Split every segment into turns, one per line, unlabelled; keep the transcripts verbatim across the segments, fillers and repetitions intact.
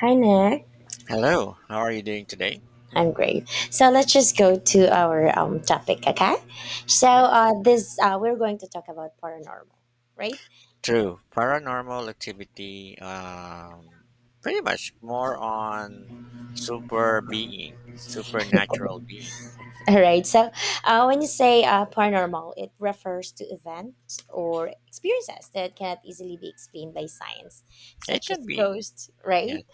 Hi, Nick.
Hello, how are you doing today?
I'm great. So let's just go to our um, topic, okay? So
Yes.
uh, this uh, we're going to talk about paranormal, right?
True. Paranormal activity, um, pretty much more on super being, supernatural being.
All right. So uh, when you say uh, paranormal, it refers to events or experiences that cannot easily be explained by science,
It
such
can
as
be.
ghosts,
Yes,
right?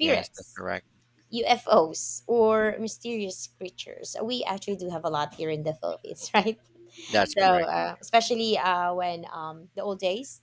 yes, that's correct.
U F Os or mysterious creatures. We actually do have a lot here in the Philippines, right?
That's
So,
correct.
uh, especially uh, when um, the old days,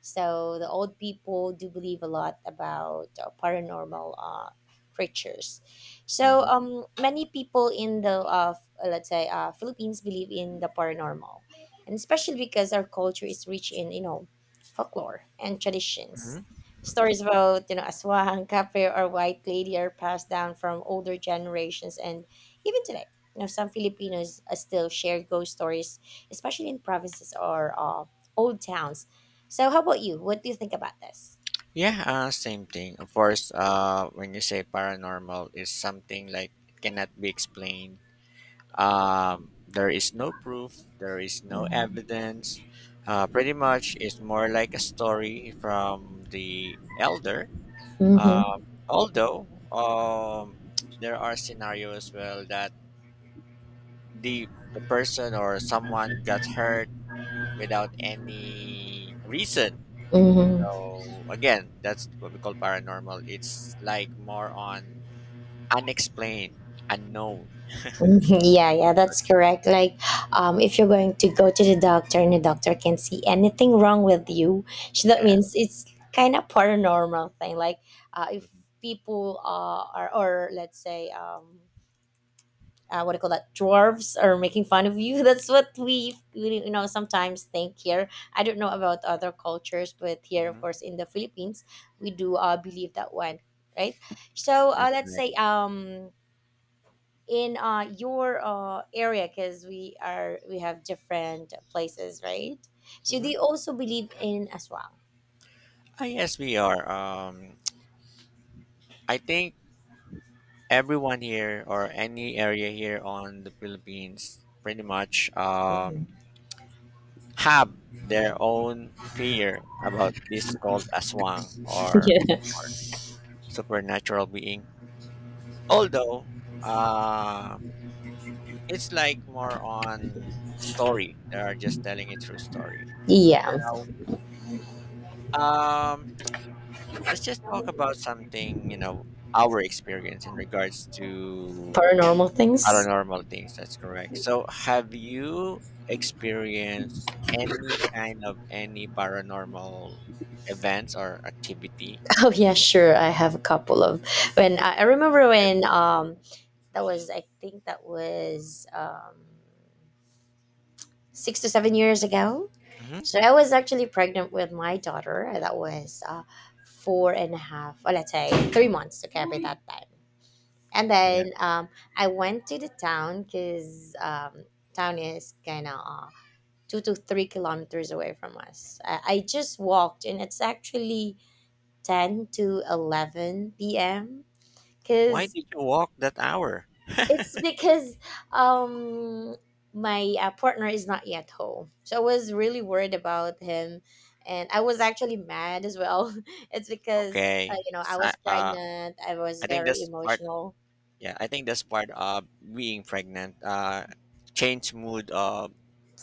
so the old people do believe a lot about uh, paranormal uh, creatures. So
Hmm.
um, many people in the uh, f- uh, let's say uh, Philippines believe in the paranormal, and especially because our culture is rich in you know folklore and traditions.
Hmm.
Stories about you know aswang, kape, or white lady are passed down from older generations, and even today, you know some Filipinos uh, still share ghost stories, especially in provinces or uh, old towns. So how about you? What do you think about this?
Yeah, uh, same thing. Of course, uh, when you say paranormal, is something like it cannot be explained. Um, there is no proof, there is no evidence. Uh, pretty much, it's more like a story from the elder.
Mm-hmm.
Um, although um, there are scenarios as well that the the person or someone got hurt without any reason.
Mm-hmm. Mm-hmm.
So again, that's what we call paranormal. It's like more on unexplained, unknown.
Yeah, yeah, that's correct. Like, um, if you're going to go to the doctor and the doctor can see anything wrong with you, so that
Yeah.
means it's kind of paranormal thing. Like, uh, if
Mhm.
people uh, are, or let's say, um, uh, what do you call that, dwarves are making fun of you, that's what we we, you know sometimes think here. I don't know about other cultures, but here of
Hmm.
course in the Philippines we do uh, believe that one, right? So uh,
That's
let's
right.
say um, in uh, your uh, area, because we are we have different places, right? So they
Mhm.
also believe in as well.
Ah, yes, we are. Um, I think everyone here or any area here on the Philippines pretty much um, have their own fear about this called aswang, or,
Yeah,
or supernatural being. Although uh, it's like more on story. They are just telling it through story.
yeah.
Now, um, let's just talk about something, you know, our experience in regards to
Paranormal things.
paranormal things, that's correct. So, have you experienced any kind of any paranormal events or activity?
Oh yeah, sure, I have a couple of, when i I remember when um that was, I think that was um, six to seven years ago.
Mm-hmm.
So I was actually pregnant with my daughter. That was uh, four and a half, or let's say three months. Okay, by that time. And
Yeah.
then um, I went to the town because um, town is kind of uh, two to three kilometers away from us. I, I just walked, and it's actually ten to eleven p m.
Why
Because
did you walk that hour?
it's because um, my uh, partner is not yet home. So I was really worried about him, and I was actually mad as well. It's because uh,
Okay.
you know, I
So,
was
uh,
pregnant. I was
I think
very
that's part.
emotional.
Yeah, I think that's part of being pregnant. Uh, change mood of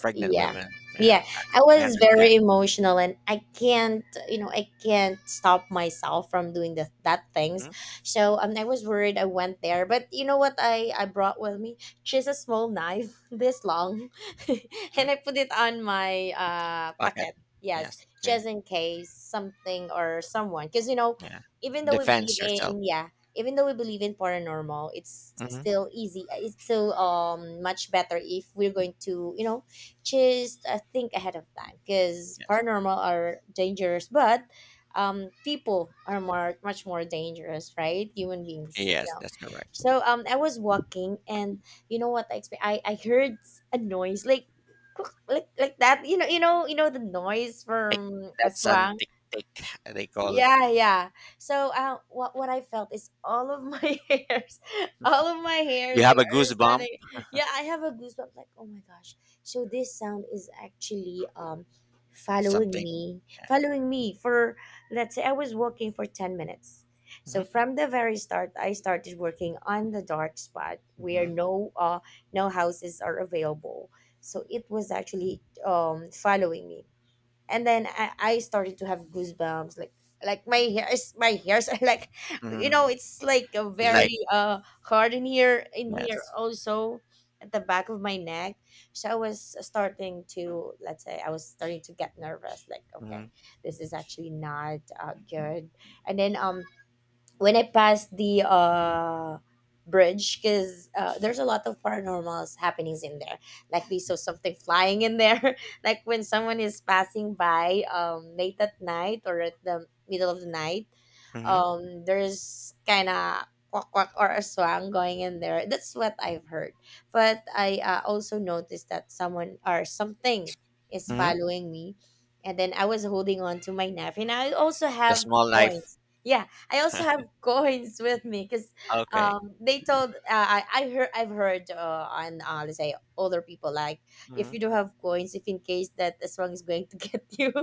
pregnant
Yeah,
women. Yeah,
yeah, I
I I
was
understand.
very emotional, and i can't you know i can't stop myself from doing the, that things.
Mm-hmm.
So um, I was worried. I went there, but you know what, i i brought with me just a small knife this long and
Hmm.
I put it on my uh
Pocket.
pocket. Yes,
Yes. Okay.
just in case something or someone, because you know,
Yeah.
even though we believe
Defense yourself.
in, yeah, even though we believe in paranormal, it's
Hmm.
still easy, it's still um much better if we're going to you know just uh, think ahead of time, because
Yes.
paranormal are dangerous, but um, people are more much more dangerous, right? Human beings, you
Yes,
know.
that's correct.
So um, I was walking, and you know what I expect? I I heard a noise like. Like, like that, you know you know you know the noise
Tick.
from
That's an
aswang.
tick tick they call.
Yeah, yeah. So uh, what what I felt is all of my hairs, all of my
You
hairs here
have a
are
goosebump,
standing. Yeah, I have a goosebump. Like, oh my gosh. So this sound is actually um, following
something.
me, following me for, let's say, I was walking for ten minutes. So
Mm-hmm.
from the very start, I started working on the dark spot where
Hmm.
no uh no houses are available. So it was actually um, following me, and then I, I started to have goosebumps like like my hairs, my hairs are like,
Hmm.
you
Hmm.
know, it's like a
It's like
very uh hard in here, in here
yes.
also at the back of my neck. So I was starting to, let's say, I was starting to get nervous, like,
Hmm.
okay, this is actually not uh, good. And then um when I passed the uh, bridge, because uh, there's a lot of paranormals happenings in there. Like, we saw something flying in there. Like when someone is passing by um, late at night or at the middle of the night,
Hmm.
um, there's kind of quack quack or a swan going in there. That's what I've heard. But I uh, also noticed that someone or something is
Hmm.
following me. And then I was holding on to my knife, and I also
The
have
small life.
coins. Yeah, I also have coins with me because
Okay.
um, they told uh, I I heard I've heard uh, on uh, let's say older people, like, if
Hmm.
you don't have coins, if in case that the song is going to get you,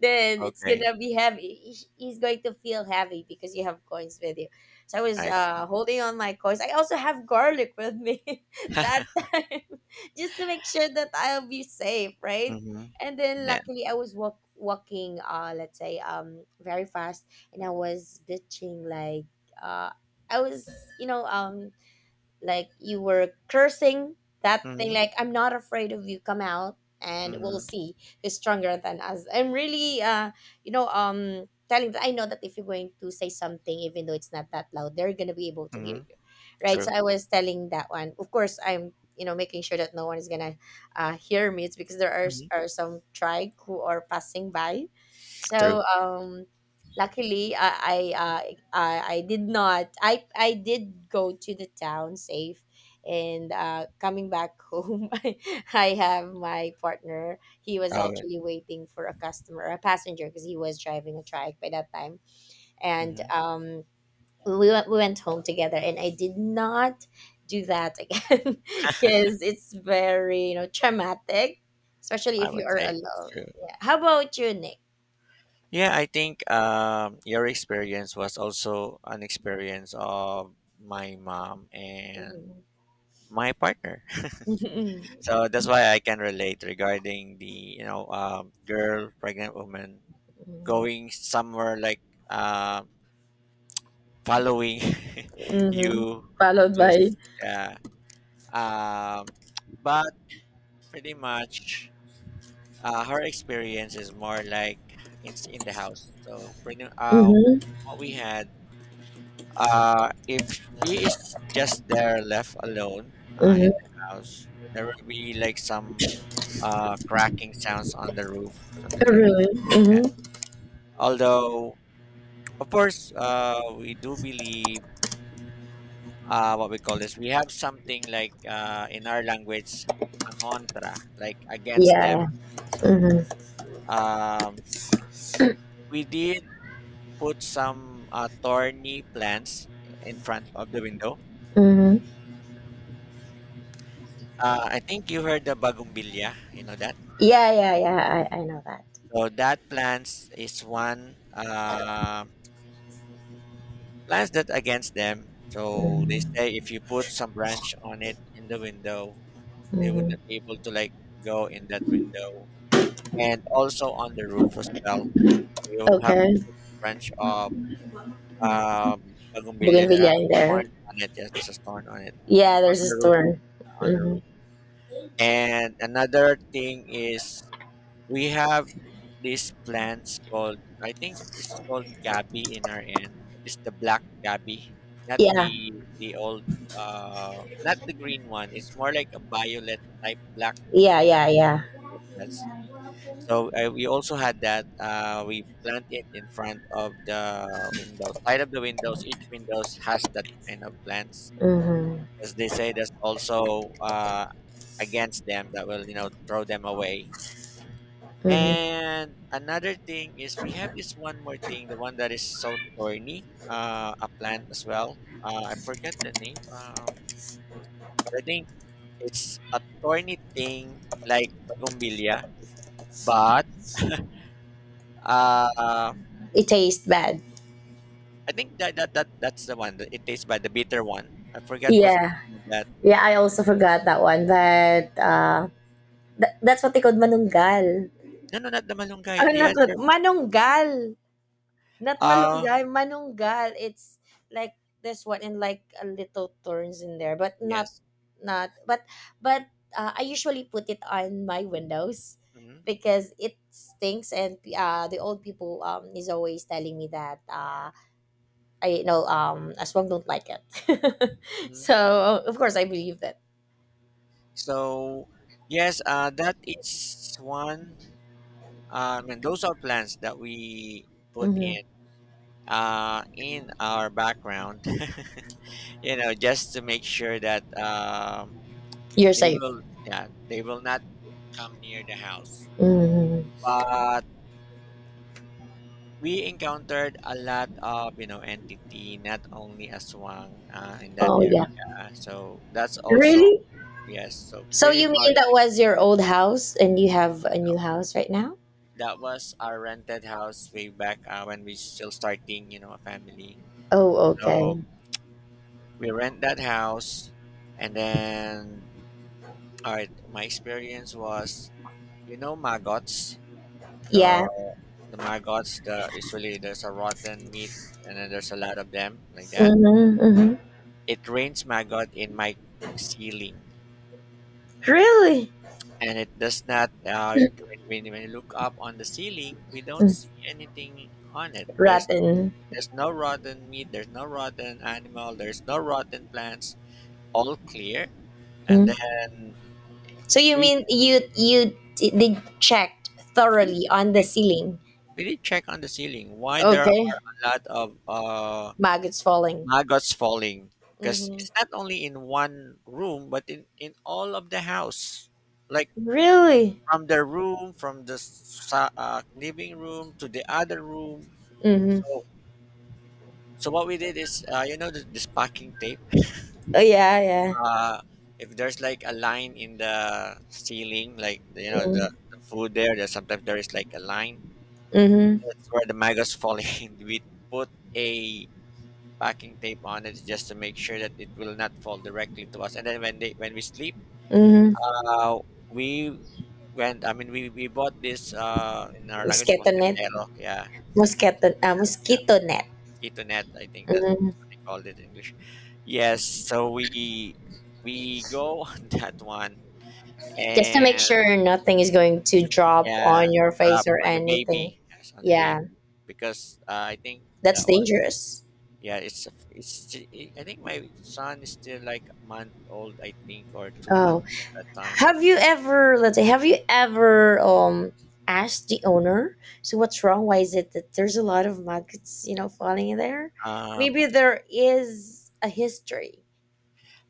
then it's
Okay.
gonna be heavy. He- He's going to feel heavy because you have coins with you. So I was
I
uh,
see.
holding on my coins. I also have garlic with me that time, just to make sure that I'll be safe, right?
Hmm.
And then
Yeah.
luckily I was walk walking uh let's say um, very fast, and I was bitching like, uh, I was, you know, um, like you were cursing that thing,
Hmm.
like, I'm not afraid of you, come out and we'll
Hmm.
see who's stronger than us. I'm really uh, you know, um, telling that. I know that if you're going to say something, even though it's not that loud, they're gonna be able to hear
Hmm.
you, right?
True.
So I was telling that one, of course I'm, you know, making sure that no one is gonna uh, hear me, it's because there are,
Hmm.
are some tribe who are passing by. So
True.
um, luckily i i uh, I I did not. I I did go to the town safe, and uh, coming back home, I, I have my partner. He was
I would.
actually waiting for a customer, a passenger, because he was driving a trike by that time, and
Hmm.
um, we went we went home together, and I did not do that again because it's very, you know, traumatic, especially
I
if you
would
are
say it's
alone.
true.
Yeah. How about you, Nick?
Yeah, I think um, your experience was also an experience of my mom and
Hmm.
my partner.
Hmm.
So that's why I can relate regarding the you know um, girl pregnant woman going somewhere like uh, following
Hmm.
you
Followed
to
by,
s- yeah, um, but pretty much uh, her experience is more like in in the house. So pretty uh,
mhm,
what we had, uh, if she is just there left alone uh, in the house, there will be like some uh, cracking sounds on the roof, something like that.
really, mhm,
And
mhm.
although, of course, uh, we do believe uh, what we call this. We have something like, uh, in our language, angontra, like against them.
Yeah, yeah.
So
Mhm,
um, we did put some uh, thorny plants in front of the window.
mhm.
Uh, I think you heard the bagumbilya. You know that.
Yeah, yeah, yeah,
Mm.
I I know that.
So that plants is one. uh. Plants that against them. So they
Mhm,
say if you put some branch on it in the window, they
mhm.
wouldn't be able to like go in that window, and also on the roof as well. You have to
Okay,
put a branch of, um, bougainvillea that has
bougainvillea in
thorn
there.
on it. Yes, there's a thorn on it
Yeah, there's
on
a
the roof.
store.
On the roof.
Mhm.
And another thing is we have these plants called, I think it's called gabi in our end. But it's the black gabi, not
Yeah.
the the old, uh not the green one. It's more like a violet type black.
Yeah, yeah, yeah.
That's, so uh, we also had that. Uh, we plant it in front of the windows, side of the windows. Each windows has that kind of plants,
Mhm,
as they say that's also uh against them that will you know throw them away.
mhm.
And another thing is we have this one more thing, the one that is so thorny, uh, a plant as well. Uh, I forget the name, uh, but I think it's a thorny thing like bougainvillea. But uh,
It tastes bad.
I think that, that that that's the one. That it tastes bad, the bitter one. I forget what's the
Yeah.
name of that.
Yeah, I also forgot that one, but, uh, tha that's what they called manunggal.
No, no, not the malunggay.
Oh,
The
not what
other.
manunggal. Not
Uh,
malunggay, manunggal. It's like this one and like a little thorns in there, but not,
yes.
not but but uh, I usually put it on my windows
Hmm.
because it stinks, and uh, the old people um, is always telling me that uh, I, you know, um, aswang don't like it.
Hmm.
So of course I believe that.
So yes, uh, that is one. Um, and those are plans that we put
Hmm.
in, uh, in our background, you know, just to make sure that um,
You're
they
safe.
will yeah, they will not come near the house.
Hmm.
But we encountered a lot of you know entity, not only aswang, uh, in that
Oh yeah.
area. So that's
Really?
also yes. So
So
pretty
you mean
much,
that was your old house and you have a
uh,
new house right now?
that was our rented house way back, uh, when we still starting, you know a family.
Oh, okay.
So we rent that house and then, all right, my experience was, you know maggots, the
Yeah.
the maggots, the usually there's a rotten meat, and then there's a lot of them like that.
Mm-hmm, mm-hmm.
It rains maggot in my ceiling,
Really?
and it does not. Uh, when, when you look up on the ceiling, we don't
Mm,
see anything on it. there's
rotten.
there's no rotten meat, there's no rotten animal, there's no rotten plants, all clear. And
Mm.
then
So you
we
mean you you d- did checked thoroughly on the
we
ceiling?
We did check on the ceiling why there
Okay.
are a lot of, uh,
Maggots falling.
maggots falling, because
Mm-hmm.
it's not only in one room but in, in all of the house, like
Really?
from the room from the sa- uh, living room to the other room.
Mm-hmm.
So so what we did is, uh, you know this, this packing tape,
Oh yeah, yeah.
uh, if there's like a line in the ceiling, like, you know the, the food there, there's sometimes there is like a line,
Mm-hmm.
that's where the maggots falling. We put a packing tape on it just to make sure that it will not fall directly to us. And then when they when we sleep,
Mm-hmm.
uh, we went. I mean, we we bought this, uh in our language,
Mosquito net.
mosquitero, yeah,
Mosquito. Uh, mosquito net.
mosquito net. I think that's
Mhm.
what they called it in English. Yes, so we we go on that one,
Just to make
and
sure nothing is going to drop
yeah,
on your face
drop
or
on the
anything.
baby. Yes, on the
Yeah,
baby, because, uh, I think
that's
that was.
dangerous.
Yeah, it's a f- it's. Sti- I I think my son is still like a month old, I think, or two months
Oh,
at that time.
have you ever, let's say, have you ever um, asked the owner, so what's wrong? Why is it that there's a lot of maggots, you know, falling in there?
Um,
Maybe there is a history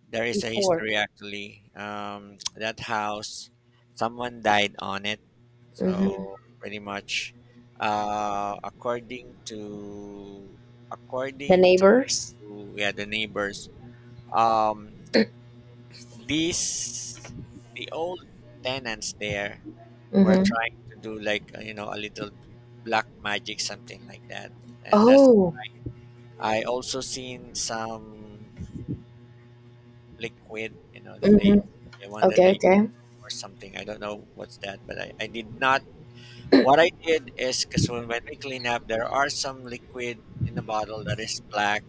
there is a
before.
history actually. Um, that house, someone died on it. So
Mm-hmm.
pretty much, uh, according to
The
according
neighbors.
to yeah, the neighbors, um, these the old tenants there were
Mm-hmm.
trying to do like, uh, you know a little black magic, something like that. And that's,
Oh.
I also seen some liquid, you know that
Mm-hmm.
they the one that
Okay.
they,
Okay.
or something, I don't know what's that. But i, I did not. What I did is, because when, when we clean up, there are some liquid in the bottle that is black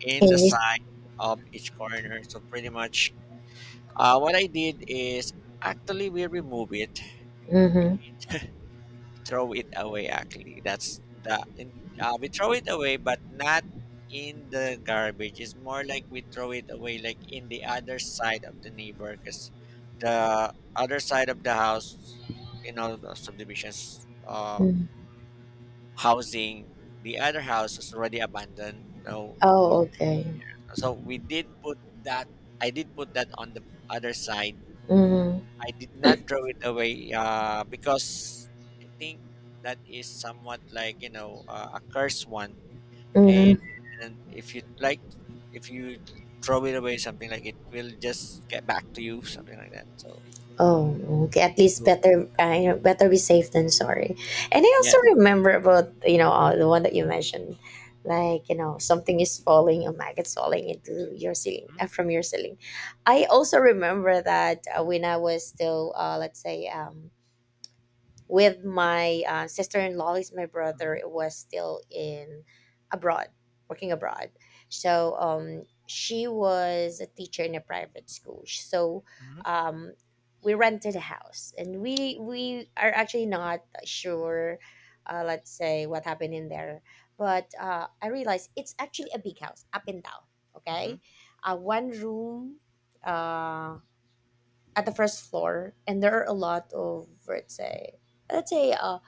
in the
And you.
side of each corner. So pretty much, uh, what I did is, actually we remove it. We
Mm-hmm.
throw it away, actually that's the in, uh, we throw it away, but not in the garbage. It's more like we throw it away, like in the other side of the neighbor, because the other side of the house, you know the subdivisions, uh
Mm-hmm.
housing, the other house is already abandoned. No no one.
Oh. Okay.
So we did put that, i did put that on the other side.
Mm-hmm.
I did not throw it away, uh, because I think that is somewhat like, you know uh, a cursed one, and,
Mm-hmm.
if you like, if you throw it away, something like it will just get back to you, something like that. So
Oh, okay. At least better, uh, you know, better be safe than sorry. And I also
yes.
remember about, you know, uh, the one that you mentioned, like, you know, something is falling, a maggot's falling into your ceiling
Mhm,
uh, from your ceiling. I also remember that uh, when I was still, uh, let's say, um, with my uh, sister-in-law, is my brother
mhm,
was still in abroad, working abroad, so um, she was a teacher in a private school. So um, we rented a house, and we we are actually not sure uh, let's say what happened in there. But uh, I realized it's actually a big house, up and down, okay,
mhm,
uh, one room uh, at the first floor, and there are a lot of, let's say, let's say uh,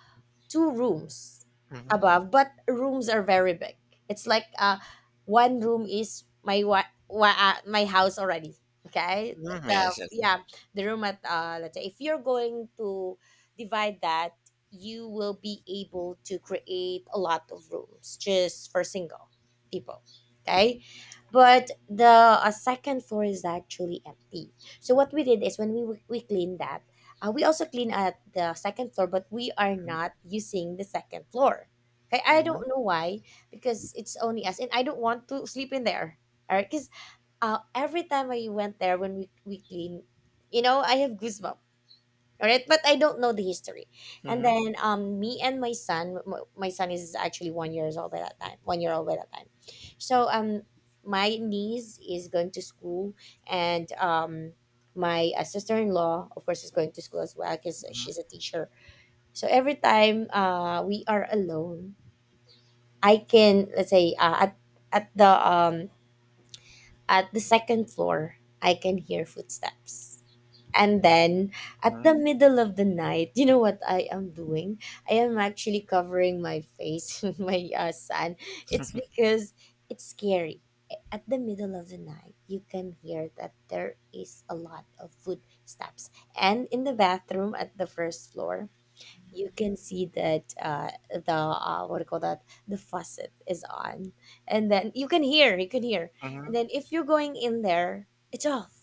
two rooms
mhm, mhm,
above, but rooms are very big. It's like uh, one room is my wa- wa- uh, my house already. Okay, the
mhm,
the-
yes, yes.
yeah,
Mhm,
the room at uh, let's say, if you're going to divide that, you will be able to create a lot of rooms just for single people. Okay, but the uh, second floor is actually empty. So what we did is when we we cleaned that, uh, we also clean at the second floor, but we are not using the second floor. Okay, I
mhm,
don't know why, because it's only us, and I don't want to sleep in there. All right, because uh, every time I went there when we we clean, you know, I have goosebumps. All right, but I don't know the history. And
mhm,
then um me and my son, m- my son is actually one years old by that time, one year old by that time. So um my niece is going to school, and um my uh, sister-in-law, of course, is going to school as well because
mhm,
she's a teacher. So every time uh we are alone, I can, let's say, uh, at at the um at the second floor I can hear footsteps. And then at
mhm,
the middle of the night, you know what I am doing? I am actually covering my face with my uh, son. It's because it's scary. At the middle of the night, you can hear that there is a lot of footsteps. And in the bathroom at the first floor, you can see that, uh, the uh, what do you call that, the faucet is on, and then you can hear, you can hear, and
mhm,
then if you're going in there, it's off,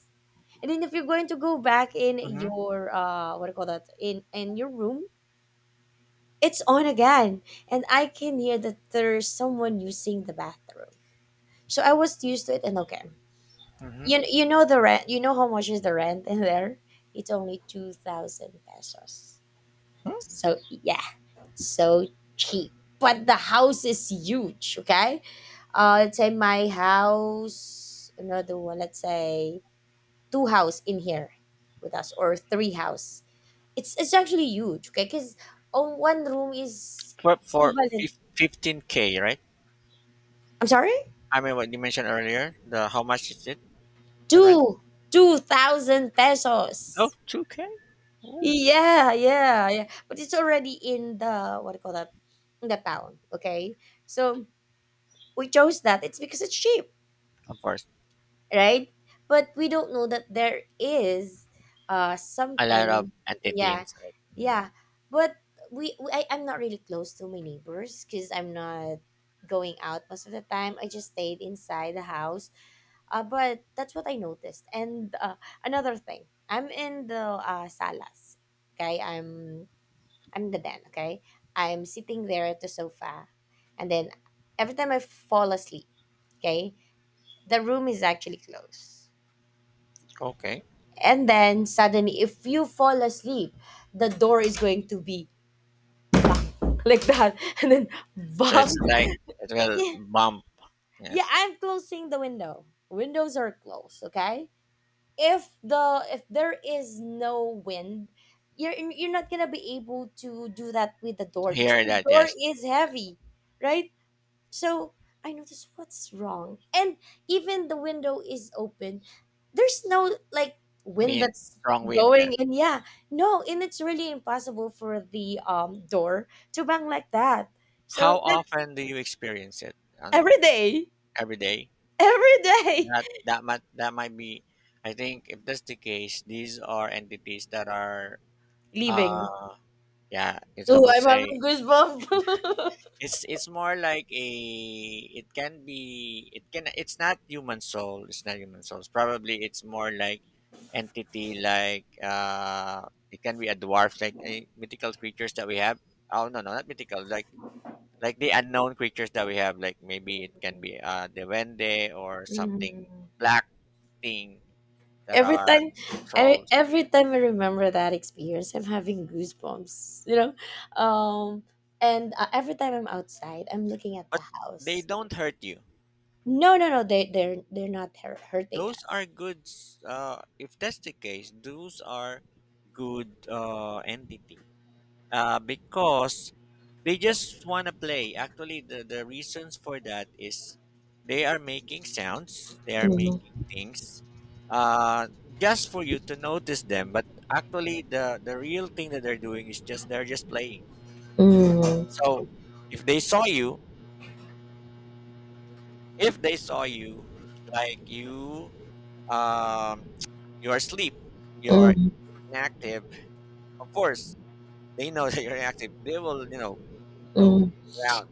and then if you're going to go back in
mhm,
your, uh what do you call that, in in your room, it's on again. And I can hear that there's someone using the bathroom. So I was used to it, and okay.
mhm.
You you know the rent you know how much is the rent in there? It's only two thousand pesos.
Hmm?
So yeah, so cheap. But the house is huge, okay? Uh let's say my house, another one, let's say two house in here with us, or three house. It's it's actually huge, okay? Because on one room is
For for
equivalent.
fifteen k, right?
I'm sorry,
I mean, what you mentioned earlier, the how much is it? The rent?
two two thousand
Oh,
pesos.
two k. Ooh.
Yeah, yeah, yeah. But it's already in the, what do you call that, in the town, okay? So we chose that. It's because it's cheap,
Of course,
right? But we don't know that there is uh
a lot of
something. Yeah,
anti-teens, right? Mhm.
yeah. But we, we I, I'm not really close to my neighbors because I'm not going out most of the time. I just stayed inside the house. Uh, but that's what I noticed. And uh, another thing, I'm in the, uh, salas. Okay, I'm I'm in the den. Okay, I'm sitting there at the sofa, and then every time I fall asleep, okay, the room is actually closed,
Okay.
and then suddenly, if you fall asleep, the door is going to be like that, and then
So it's
bang.
like it will
Yeah,
bump.
yeah,
Yes,
I'm closing the window windows, are closed, okay? If the if there is no wind, you're you're not gonna be able to do that with the door
I
because
hear
the
that.
door
Yes,
is heavy, right? So I noticed what's wrong. And even the window is open, there's no like wind
wind,
that's
strong wind. Yes.
going in. Yeah. No, and it's really impossible for the um door to bang like that. So
How
that's
often do you experience it? On
every day.
Every day.
Every day.
That that might that might be. I think if that's the case, these are entities that are.
Leaving.
Uh, yeah, it's I
Oh,
would
I'm
say,
having goosebumps.
It's it's more like, a it can be it can it's not human soul, it's not human souls, probably. It's more like entity, like, uh it can be a dwarf, like a mythical creatures that we have. Oh, no, no, not mythical, like like the unknown creatures that we have, like maybe it can be, uh the Duende or something,
Mhm.
black thing that
Every
are
time, every
trolls.
every time I remember that experience, I'm having goosebumps you know um and uh, every time I'm outside, I'm looking at the
But they
house.
don't hurt you.
No, no, no, they they're they're not hur- hurting
Those
us.
are good, s- uh, if that's the case those are good, uh, entity, uh, because they just want to play. Actually the, the reasons for that is they are making sounds, they are
Mhm,
making things, uh, just for you to notice them, but actually the, the real thing that they're doing is, just they're just playing.
mhm,
So if they saw you, if they saw you like you um, you are asleep, you're
mhm,
inactive. Of course they know that you're inactive. They will, you know,
mhm,
go around,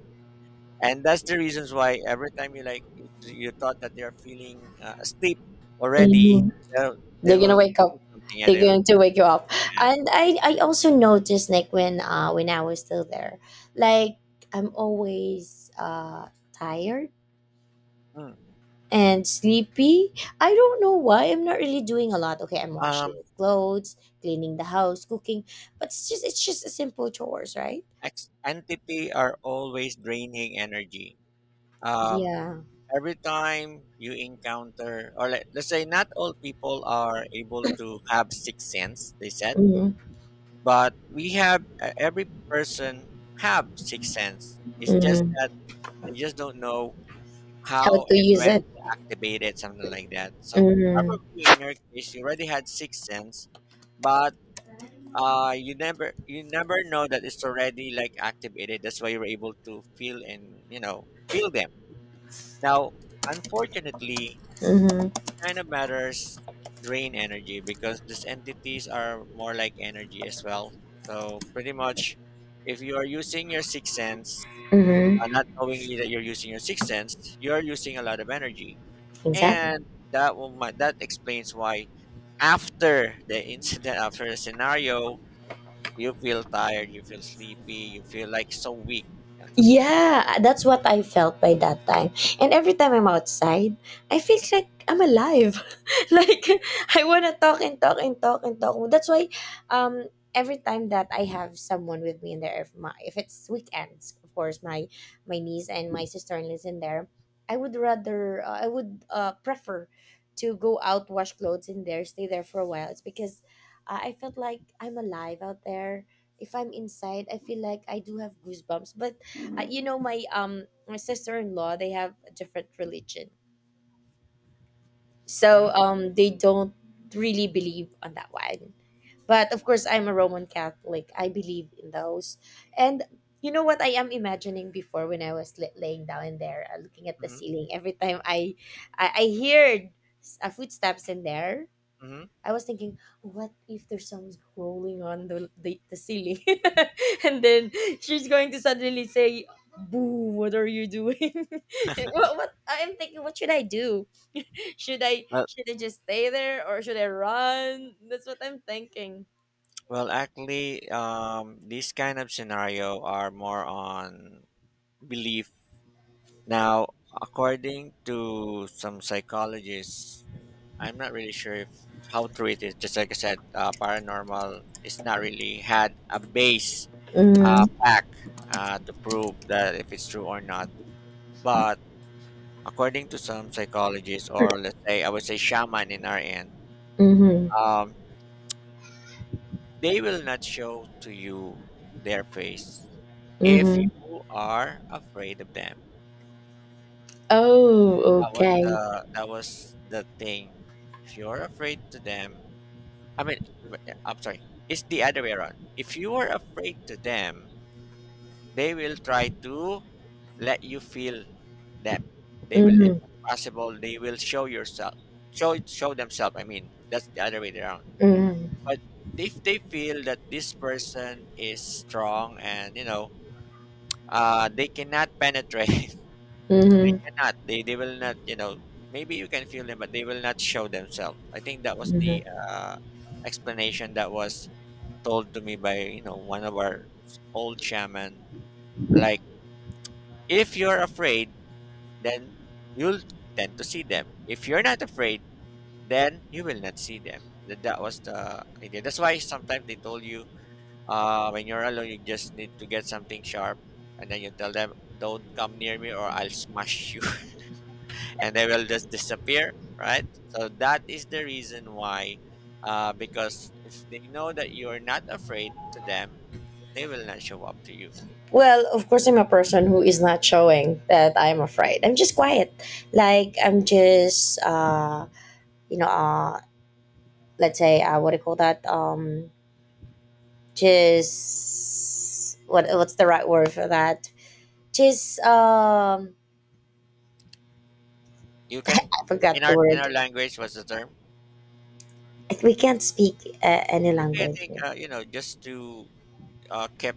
and that's the reasons why every time, you like you, you thought that they are feeling, uh, asleep already,
mhm.
they'll- they
They're gonna
will
wake
do
up,
something. Yeah,
they're
they will
going to wake you up.
ask.
And i i also noticed, like, when uh when I was still there, like, I'm always, uh tired
"Hmm,
and sleepy. I don't know why. I'm not really doing a lot. Okay, I'm washing
Um,
clothes, cleaning the house, cooking, but it's just it's just a simple chores, right?
ex- entity are always draining energy. Um,
Yeah.
every time you encounter, or, let, let's say, not all people are able to have sixth sense. They said
Mm-hmm.
but we have e- every person have sixth sense. It's just
Mm-hmm.
that they just don't know
How
how
to
and
use
when
it.
to activate it, something like that. So
Mm-hmm.
probably in your case, you already had sixth sense, but uh, you never you never know that it's already like activated. That's why you're able to feel and you know feel them. Now, unfortunately,
Mm-hmm.
kind of matters drain energy because these entities are more like energy as well. So pretty much, if you are using your sixth sense, uh, not
Mm-hmm.
knowingly that you're using your sixth sense, you are using a lot of energy,
Exactly.
and that will mi- that explains why after the incident, after the scenario, you feel tired, you feel sleepy, you feel like so weak, and something like.
Yeah, that's what I felt by that time. And every time I'm outside, I feel
Mm-hmm,
like I'm alive. Like, I wanna talk and talk and talk and talk. That's why um every time that I have someone with me in there, if my if it's weekends, of course, my my niece and my sister in lives in there, I would rather, uh, I would uh prefer to go out, wash clothes in there, stay there for a while. It's because, uh, I felt like I'm alive out there. If I'm inside, I feel like I do have goosebumps, but, uh, you know my, um my sister-in-law, they have a different religion, so
mm-hmm,
um they don't really believe on that one. But of course, I'm a Roman Catholic, I believe in those. And you know what I am imagining before, when I was, li- laying down there, uh, looking at the
mm-hmm,
ceiling, every time i i, I heard, s- uh, footsteps in there,
mm-hmm.
I was thinking, what if there's someone crawling on the, the, the ceiling? And then she's going to suddenly say, boo, what are you doing? what, what I'm thinking, what should I do? Should I should I just stay there, or should I run? That's what I'm thinking.
Well, actually, um, these kind of scenario are more on belief. Now, according to some psychologists, and I'm not really sure if how true it is. Just like I said, uh, paranormal is not really had a base uh,
Mm,
fact uh, to prove that if it's true or not. But according to some psychologists, or let's say I would say shaman in our end,
mhm,
um, they will not show to you their face if
mhm.
you are afraid of them.
Oh,
That was
okay.
the that was the thing. If you're afraid to them, I mean, w- I'm sorry. It's the other way around. If you are afraid to them, they will try to let you feel them. They will, if
Mhm,
possible, they will show yourself, show show themselves. I mean, that's the other way around.
mhm,
But if they feel that this person is strong and you know Uh, they cannot penetrate.
mhm,
cannot. They they will not. You know, maybe you can feel them, but they will not show themselves. I think that was the
mhm.
uh, explanation that was told to me by you know one of our old shaman. Like, if you're afraid, then you'll tend to see them. If you're not afraid, then you will not see them. That that was the idea. That's why sometimes they told you, uh, when you're alone, you just need to get something sharp, and then you tell them, "Don't come near me, or I'll smash you." And they will just disappear, right? So that is the reason why, uh, because if they know that you are not afraid to them, they will not show up to you.
Well, of course, I'm a person who is not showing that I'm afraid. I'm just quiet. Like, I'm just, uh, you know, uh, let's say, uh, what do you call that? Um, just, what, what's the right word for that? Just, um,
You can,
I forgot
in
the
our in
word.
our language, what's the term?
We can't speak uh, any
It's okay. I
language.
think uh, you know just to uh, keep.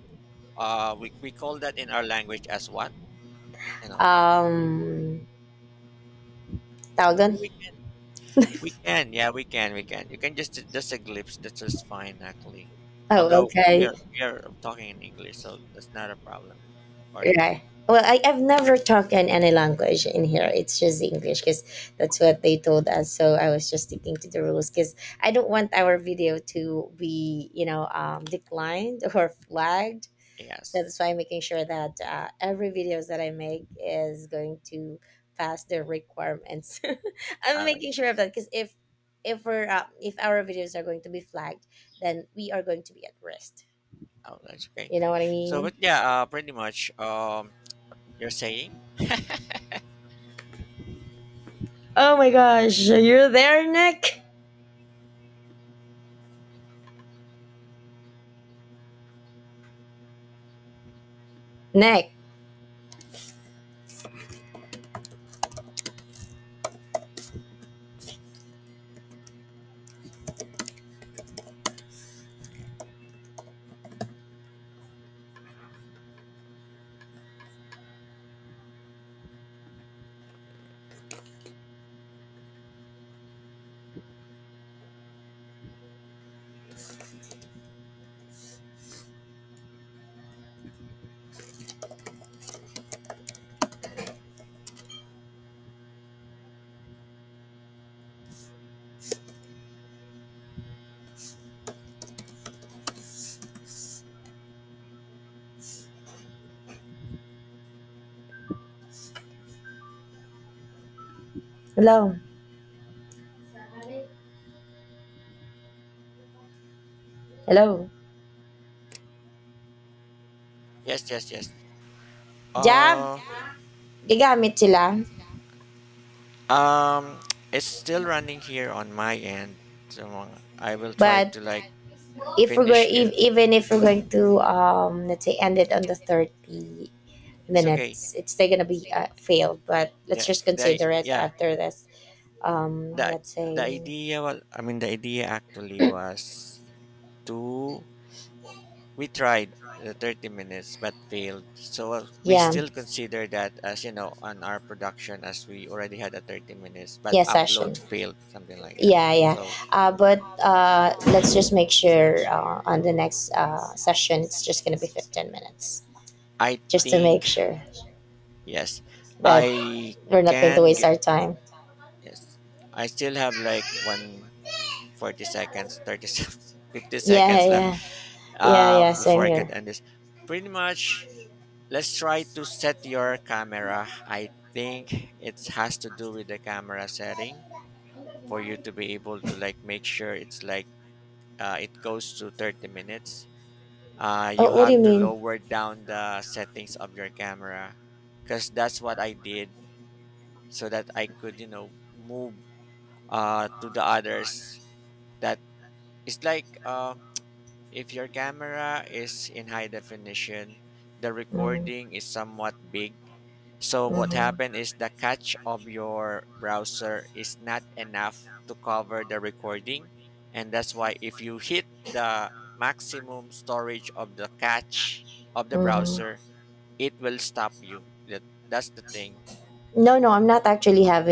Uh, we we call that in our language as what you know.
Um, tawag doon?
Yeah, we can. We can. Yeah, we can. We can. You can just just a glimpse. That's just fine, actually.
Oh,
Although we
okay.
are we are talking in English, so that's not a problem, according to
Right. Well, I, I've never talked in any language in here. It's just English because that's what they told us. So I was just sticking to the rules because I don't want our video to be, you know, um, declined or flagged. So that's
yes.
why I'm making sure that, uh, every videos that I make is going to pass the requirements. I'm
All right.
making sure of that, because if if we're uh, if our videos are going to be flagged, then we are going to be at risk.
Oh, that's okay.
You know what I
So,
mean?
but yeah, uh, pretty much. Um, you're saying
Oh my gosh, you're there, Nick. Next. Hello. Hello.
yes, yes, yes.
Job,
Uh,
gagamit sila.
um, it's still running here on my end. So uh, I will try
But
to like
if we're going,
finish it.
if, even if we're going to, um, let's say, end it on the thirty
It's okay.
minutes, it's still gonna be, uh, failed. But let's
The
just
the
consider it,
yeah.
after this, um,
The
let's
the
say,
idea was I mean the idea actually was to we tried the thirty minutes but failed. So uh, we
yeah,
still consider that as you know on our production as we already had a thirty minutes but
yeah, session.
upload failed something like that.
Yeah, yeah.
So
Uh, but, uh, let's just make sure, uh, on the next, uh, session, it's just gonna be fifteen minutes,
I
just to make
think
sure
yes,
that
I
we're not going to
can
waste
get
our time.
yes. I still have like one forty seconds, thirty fifty
Yeah, yeah,
seconds left
yeah. Yeah,
uh,
yeah, same
before I could
here.
end this. Pretty much let's try to set your camera. I think it has to do with the camera setting for you to be able to like make sure it's like uh, it goes to thirty minutes. Uh, you
Oh, what do you
have to
mean?
lower down the settings of your camera because that's what I did so that I could, you know, move uh, to the others. That is like uh, if your camera is in high definition, the
Mm-hmm.
recording is somewhat big. So what
Mm-hmm.
happened is the cache of your browser is not enough to cover the recording. And that's why if you hit the maximum storage of the cache of the
Mm-hmm.
browser, it will stop you. That, that's the thing.
No, no, I'm not actually having.